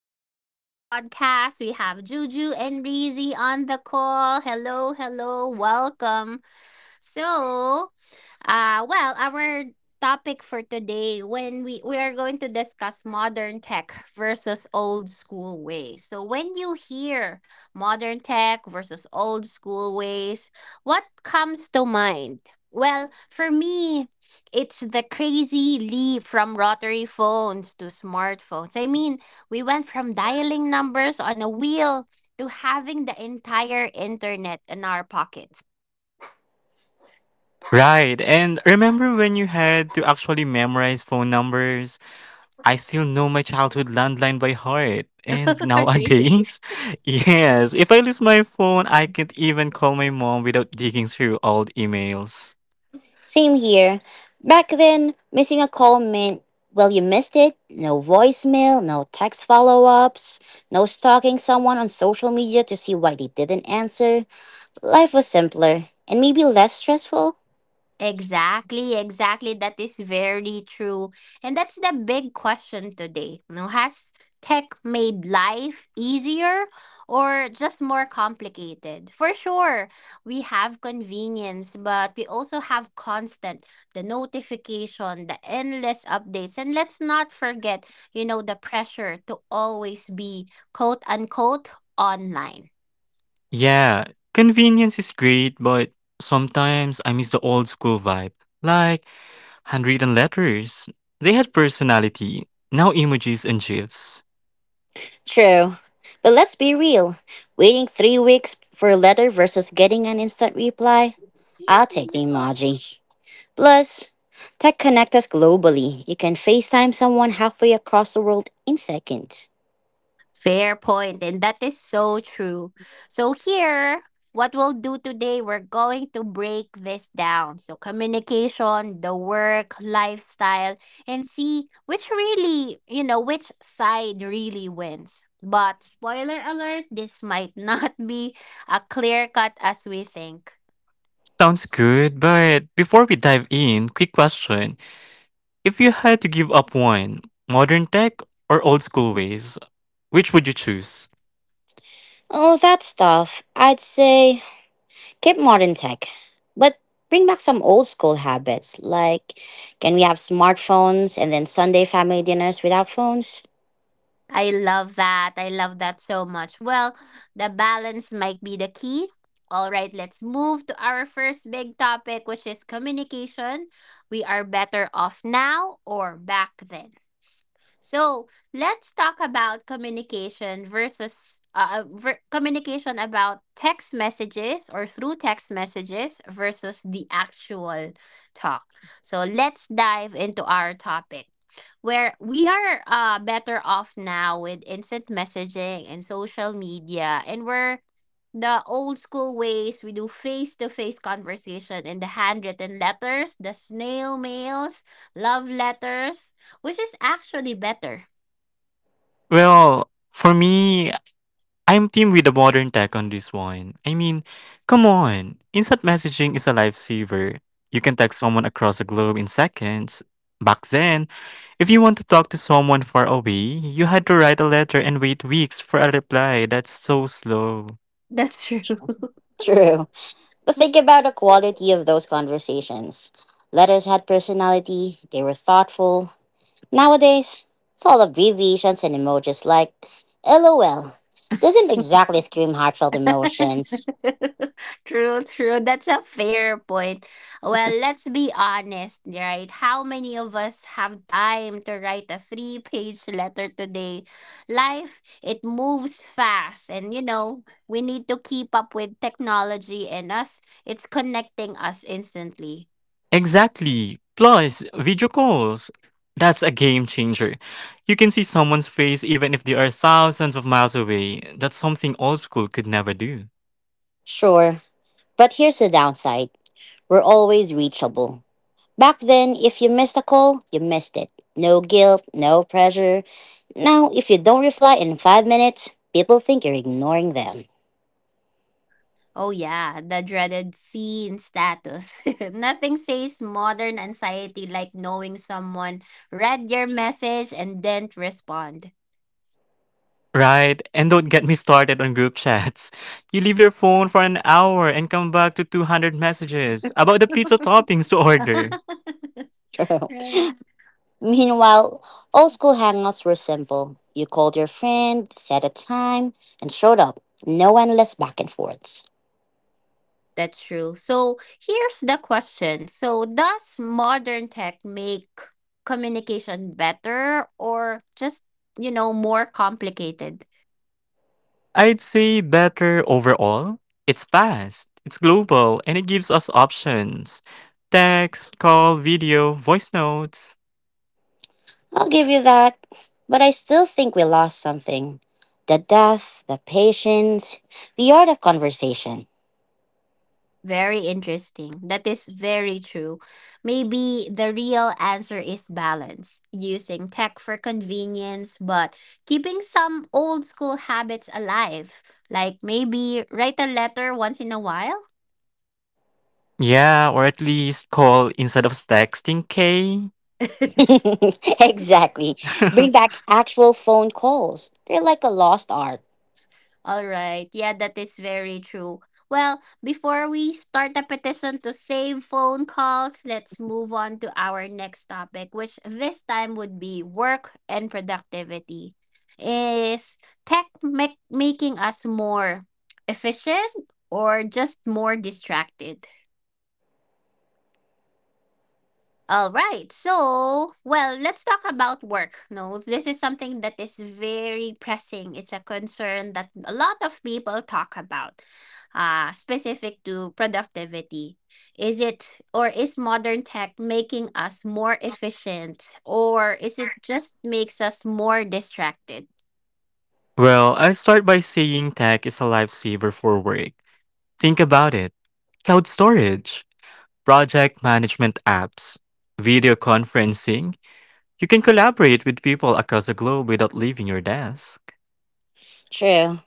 today's podcast. We have Juju and Breezy on the call. Hello, hello, welcome. So, our topic for today when we are going to discuss modern tech versus old school ways. So, when you hear modern tech versus old school ways, what comes to mind? Well, for me, it's the crazy leap from rotary phones to smartphones. I mean, we went from dialing numbers on a wheel to having the entire internet in our pockets. Right. And remember when you had to actually memorize phone numbers? I still know my childhood landline by heart. And After 850. nowadays, yes, if I lose my phone, I can't even call my mom without digging through old emails. Same here. Back then, missing a call meant, well, you missed it. No voicemail, no text follow ups, no stalking someone on social media to see why they didn't answer. Life was simpler and maybe less stressful. Exactly, exactly. That is very true. And that's the big question today. You know, has tech made life easier or just more complicated? For sure, we have convenience, but we also have constant the notification, the endless updates. And let's not forget, the pressure to always be quote unquote online. Yeah, convenience is great, but sometimes I miss the old school vibe. Like handwritten letters. They had personality. Now emojis and gifs. True. But let's be real, waiting 3 weeks for a letter versus getting an instant reply, I'll take the emoji. Plus, tech connects us globally. You can FaceTime someone halfway across the world in seconds. Fair point, and that is so true. So, here, what we'll do today, we're going to break this down. So, communication, the work, lifestyle, and see which really, which side really wins. But spoiler alert, this might not be a clear cut as we think. Sounds good, but before we dive in, quick question. If you had to give up one, modern tech or old school ways, which would you choose? Oh, that stuff. I'd say keep modern tech, but bring back some old school habits. Like, can we have smartphones and then Sunday family dinners without phones? I love that. I love that so much. Well, the balance might be the key. All right, let's move to our first big topic, which is communication. We are better off now or back then? So let's talk about communication versus communication about text messages or through text messages versus the actual talk. So let's dive into our topic where we are better off now with instant messaging and social media, and we're the old school ways we do face to face conversation in the handwritten letters, the snail mails, love letters, which is actually better. Well, for me, I'm team with the modern tech on this one. Come on, instant messaging is a lifesaver. You can text someone across the globe in seconds. Back then, if you want to talk to someone far away, you had to write a letter and wait weeks for a reply. That's so slow. That's true. True. But think about the quality of those conversations. Letters had personality, they were thoughtful. Nowadays, it's all abbreviations and emojis like LOL. Doesn't exactly scream heartfelt emotions. True, true. That's a fair point. Well, let's be honest, right? How many of us have time to write a three-page letter today? Life, it moves fast. And, we need to keep up with technology and us. It's connecting us instantly. Exactly. Plus, video calls. That's a game changer. You can see someone's face even if they are thousands of miles away. That's something old school could never do. Sure, but here's the downside, we're always reachable. Back then, if you missed a call, you missed it. No guilt, no pressure. Now, if you don't reply in 5 minutes, people think you're ignoring them. Oh, yeah, the dreaded scene status. Nothing says modern anxiety like knowing someone read your message and didn't respond. Right? And don't get me started on group chats. You leave your phone for an hour and come back to 200 messages about the pizza toppings to order. True. Right. Meanwhile, old school hangouts were simple. You called your friend, set a time, and showed up. No endless back and forths. That's true. So here's the question. So does modern tech make communication better or just more complicated? I'd say better overall. It's fast, it's global, and it gives us options: text, call, video, voice notes. I'll give you that. But I still think we lost something. The depth, the patience, the art of conversation. Very interesting. That is very true. Maybe the real answer is balance, using tech for convenience, but keeping some old school habits alive, like maybe write a letter once in a while. Yeah, or at least call instead of texting, Kay. Exactly. Bring back actual phone calls. They're like a lost art. All right. Yeah, that is very true. Well, before we start the petition to save phone calls, let's move on to our next topic, which this time would be work and productivity. Is tech make making us more efficient or just more distracted? All right. So, well, let's talk about work. No, this is something that is very pressing. It's a concern that a lot of people talk about, specific to productivity. Is it or is modern tech making us more efficient or is it just makes us more distracted? Well, I'll start by saying tech is a lifesaver for work. Think about it: cloud storage, project management apps, video conferencing. You can collaborate with people across the globe without leaving your desk. True.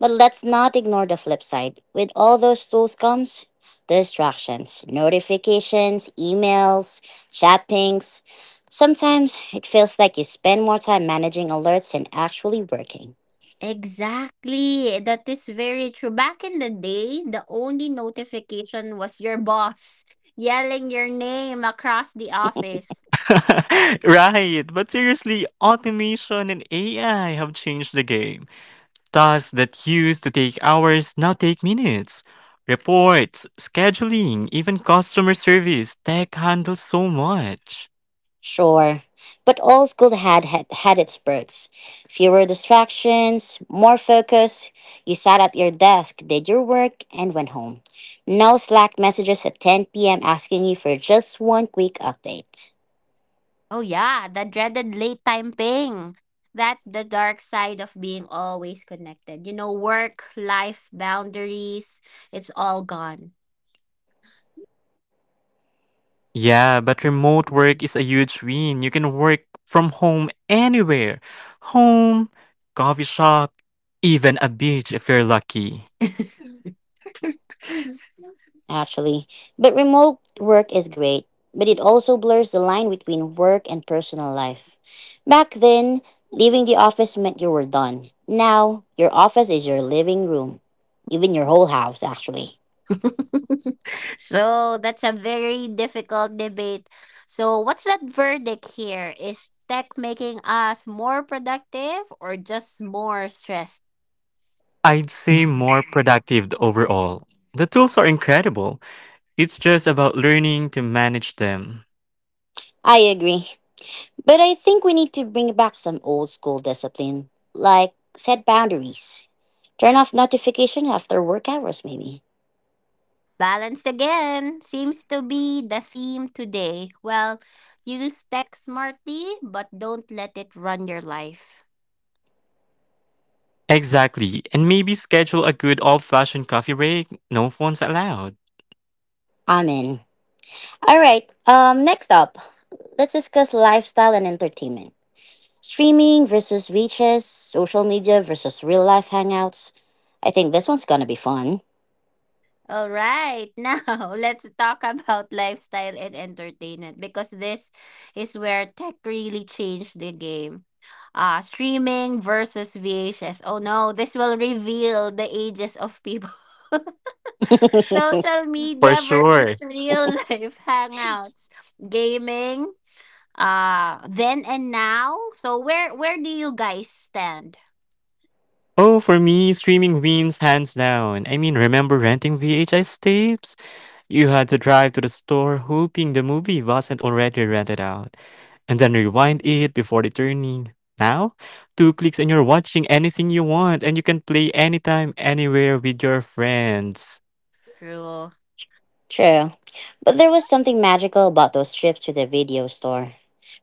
But let's not ignore the flip side. With all those tools comes distractions, notifications, emails, chat pings. Sometimes it feels like you spend more time managing alerts than actually working. Exactly. That is very true. Back in the day, the only notification was your boss yelling your name across the office. Right, but seriously, automation and AI have changed the game. Tasks that used to take hours now take minutes. Reports, scheduling, even customer service, tech handles so much. Sure. But all school had its perks. Fewer distractions, more focus. You sat at your desk, did your work, and went home. No Slack messages at 10 p.m. asking you for just one quick update. Oh, yeah, the dreaded late time ping. That the dark side of being always connected. You know, work, life, boundaries, it's all gone. Yeah, but remote work is a huge win. You can work from home anywhere: home, coffee shop, even a beach if you're lucky. Actually, but remote work is great, but it also blurs the line between work and personal life. Back then, leaving the office meant you were done. Now, your office is your living room, even your whole house, actually. So that's a very difficult debate. So what's that verdict here? Is tech making us more productive or just more stressed? I'd say more productive overall. The tools are incredible. It's just about learning to manage them. I agree. But I think we need to bring back some old school discipline, like set boundaries. Turn off notification after work hours, maybe. Balance again seems to be the theme today. Well, use tech smartly, but don't let it run your life. Exactly, and maybe schedule a good old-fashioned coffee break, no phones allowed. I'm in. All right. Next up, let's discuss lifestyle and entertainment. Streaming versus reaches, social media versus real life hangouts. I think this one's gonna be fun. All right, now let's talk about lifestyle and entertainment because this is where tech really changed the game. Streaming versus VHS. Oh no, this will reveal the ages of people. Social For media sure. versus real life hangouts. Gaming, then and now. So where do you guys stand? Oh, for me, streaming wins hands down. I mean, remember renting VHS tapes? You had to drive to the store hoping the movie wasn't already rented out, and then rewind it before returning. Now, two clicks and you're watching anything you want, and you can play anytime, anywhere with your friends. True. True. But there was something magical about those trips to the video store.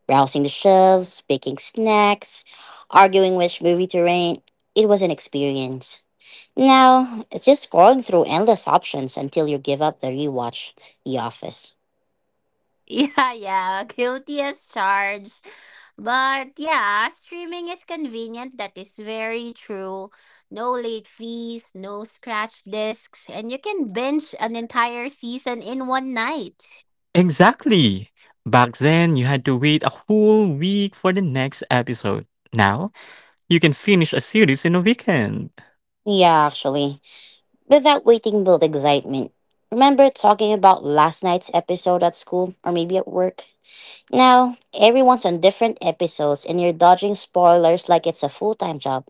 Browsing the shelves, picking snacks, arguing which movie to rent. It was an experience. Now, it's just scrolling through endless options until you give up the rewatch, The Office. Yeah, yeah, guilty as charged. But yeah, streaming is convenient. That is very true. No late fees, no scratch discs, and you can binge an entire season in one night Exactly. Back then, you had to wait a whole week for the next episode. Now, you can finish a series in a weekend. Yeah, actually. But that waiting built excitement. Remember talking about last night's episode at school or maybe at work? Now, everyone's on different episodes and you're dodging spoilers like it's a full time job.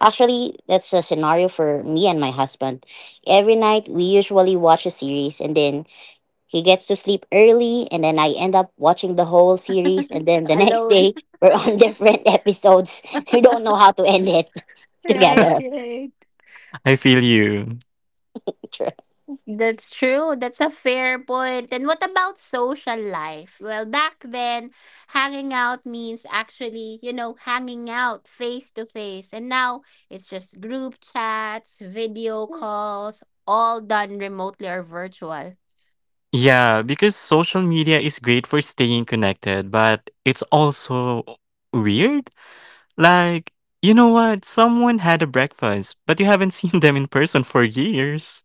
Actually, that's a scenario for me and my husband. Every night, we usually watch a series and then he gets to sleep early, and then I end up watching the whole series, and then the next alone. day, we're on different episodes. We don't know how to end it Right, together. right. I feel you. Trust. That's true. That's a fair point. And what about social life? Well, back then, hanging out means hanging out face to face. And now it's just group chats, video calls, all done remotely or virtual. Yeah, because social media is great for staying connected, but it's also weird. Like, you know what? Someone had a breakfast, but you haven't seen them in person for years.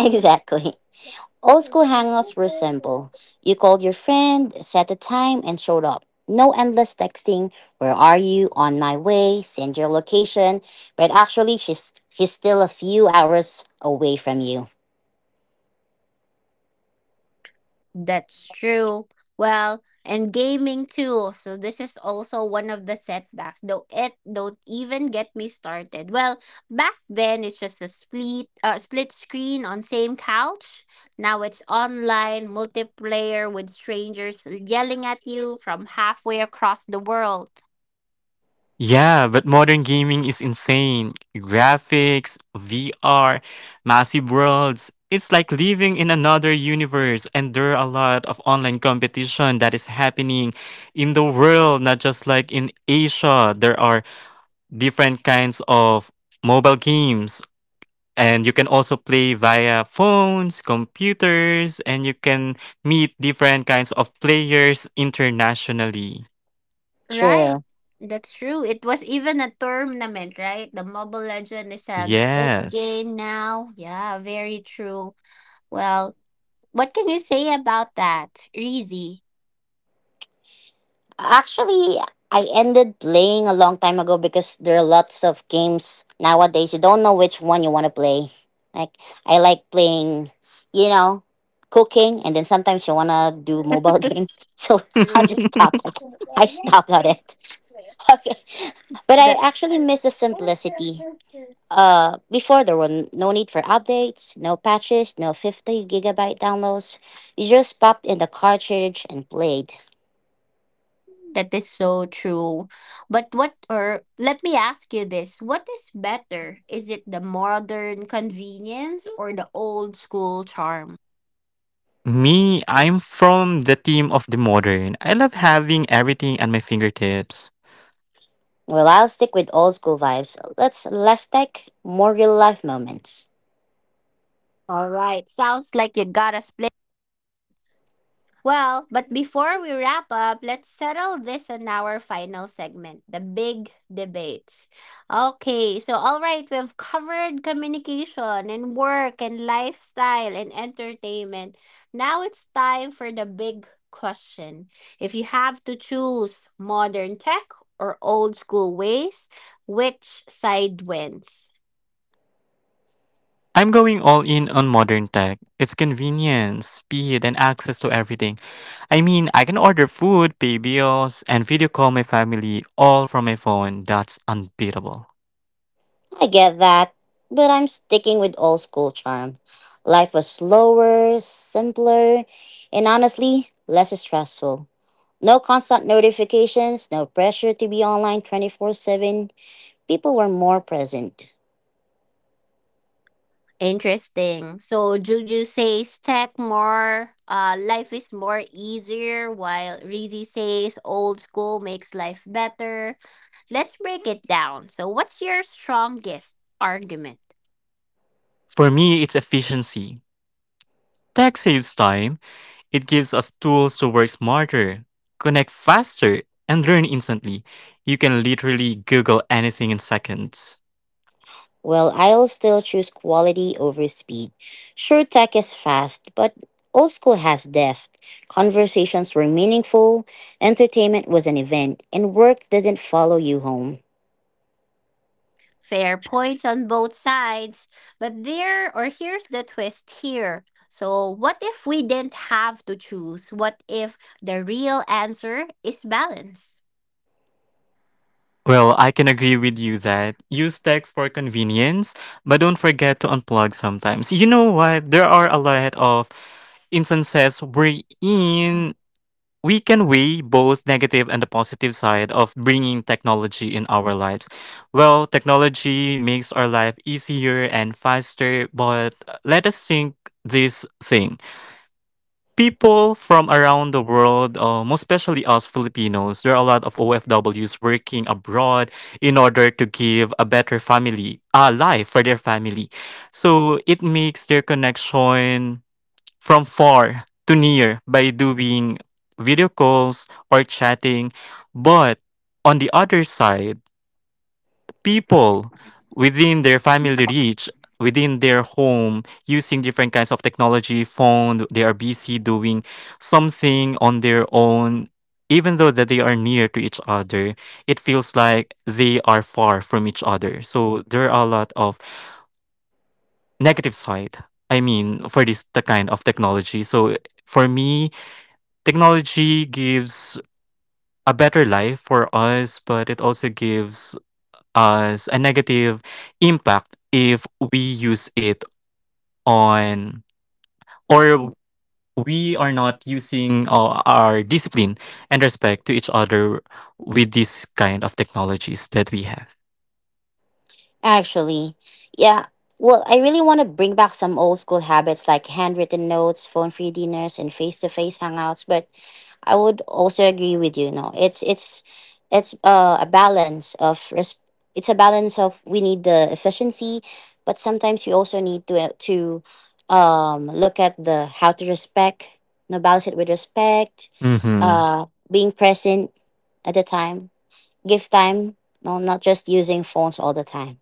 Exactly. Old school hangouts were simple. You called your friend, set a time, and showed up. No endless texting, where are you, on my way, send your location. But actually, she's still a few hours away from you. That's true. Well, and gaming too. So this is also one of the setbacks. Though it don't even get me started. Well, back then it's just a split screen on same couch. Now it's online multiplayer with strangers yelling at you from halfway across the world. Yeah, but modern gaming is insane. Graphics, VR, massive worlds. It's like living in another universe, and there are a lot of online competition that is happening in the world, not just like in Asia. There are different kinds of mobile games, and you can also play via phones, computers, and you can meet different kinds of players internationally. Right. True. That's true. It was even a tournament, right? The Mobile Legend is a it Yes. game now. Yeah, very true. Well, what can you say about that, Reezy? Actually, I ended playing a long time ago because there are lots of games nowadays. You don't know which one you want to play. Like, I like playing, you know, cooking, and then sometimes you wanna do mobile games. So I'll True. just stop. I stopped on it. Okay, but I That actually miss the simplicity. Before there were no need for updates, no patches, no 50 gigabyte downloads. You just popped in the cartridge and played. that is so true. But what or let me ask you this. What is better? Is it the modern convenience or the old school charm? Me, I'm from the team of the modern. I love having everything at my fingertips. Well, I'll stick with old school vibes. Let's less tech, more real life moments. All right. Sounds like you got a split. Well, but before we wrap up, let's settle this on our final segment the big debates. Okay, so all right, we've covered communication and work and lifestyle and entertainment. Now it's time for the big question. If you have to choose modern tech or old school ways, which side wins? I'm going all in on modern tech. It's convenience, speed, and access to everything. I mean, I can order food, pay bills, and video call my family all from my phone. That's unbeatable. I get that, but I'm sticking with old school charm. Life was slower, simpler, and honestly, less stressful. No constant notifications, no pressure to be online 24/7. People were more present. Interesting. So Juju says tech more, life is more easier, while Reezy says old school makes life better. Let's break it down. So, what's your strongest argument? For me, it's efficiency. Tech saves time. It gives us tools to work smarter, connect faster, and learn instantly. You can literally Google anything in seconds. Well, I'll still choose quality over speed. Sure, tech is fast, but old school has depth. Conversations were meaningful, entertainment was an event, and work didn't follow you home. Fair points on both sides, but there or here's the twist here. So, what if we didn't have to choose? What if the real answer is balance? Well, I can agree with you that use tech for convenience, but don't forget to unplug sometimes. You know what? There are a lot of instances wherein we can weigh both negative and the positive side of bringing technology in our lives. Well, technology makes our life easier and faster, but let us think this thing. People from around the world, most especially us Filipinos, there are a lot of OFWs working abroad in order to give a better family, a life for their family. So it makes their connection from far to near by doing video calls or chatting. But on the other side, people within their family reach, within their home, using different kinds of technology, phone, they are busy doing something on their own. Even though that they are near to each other, it feels like they are far from each other. So there are a lot of negative side. I mean, for this the kind of technology. So for me, technology gives a better life for us, but it also gives us a negative impact if we use it on or we are not using our discipline and respect to each other with this kind of technologies that we have. Actually, yeah. Well, I really want to bring back some old school habits like handwritten notes, phone free dinners, and face to face hangouts, but I would also agree with you. No, it's a balance of it's a balance of, we need the efficiency, but sometimes you also need to look at the how to respect, no, balance it with respect, Mm-hmm. Being present at the time, give time, no, not just using phones all the time.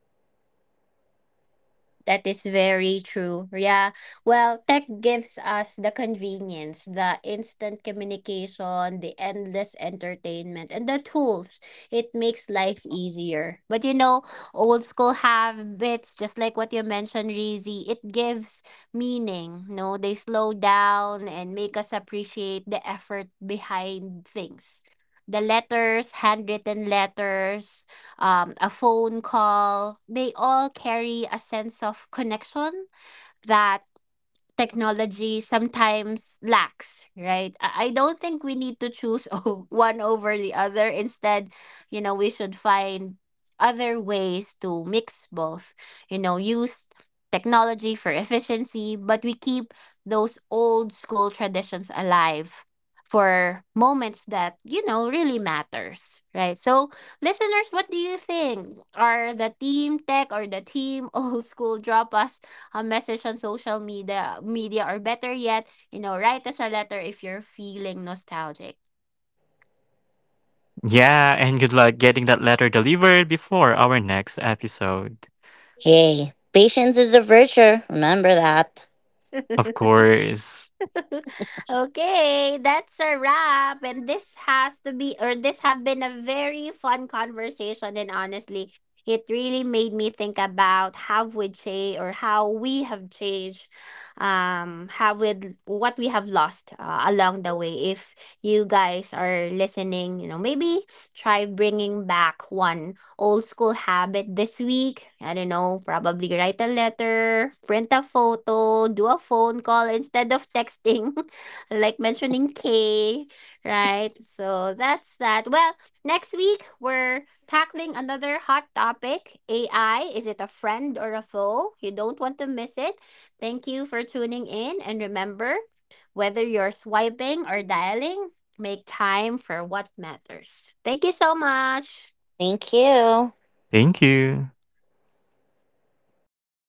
That is very true. Yeah. Well, tech gives us the convenience, the instant communication, the endless entertainment, and the tools. It makes life easier. But you know, old school habits, just like what you mentioned, Reezy, it gives meaning. No, they slow down and make us appreciate the effort behind things. The letters, handwritten letters, a phone call, they all carry a sense of connection that technology sometimes lacks, right? I don't think we need to choose one over the other. Instead, we should find other ways to mix both, use technology for efficiency, but we keep those old school traditions alive for moments that really matters, right? So listeners, what do you think? Are the team tech or the team old school dropouts a message on social media or better yet, write us a letter if you're feeling nostalgic. Yeah, and good luck getting that letter delivered before our next episode. Hey, patience is a virtue. Remember that. Of course. Okay, that's a wrap, and this has to be or this have been a very fun conversation, and honestly it really made me think about how we change or how we have changed, how with what we have lost along the way. If you guys are listening, maybe try bringing back one old school habit this week. I don't know, probably write a letter, print a photo, do a phone call instead of texting, like mentioning K, right? So that's that. Well, next week we're tackling another hot topic AI. Is it a friend or a foe? You don't want to miss it. Thank you for tuning in. And remember, whether you're swiping or dialing, make time for what matters. Thank you so much. Thank you. Thank you.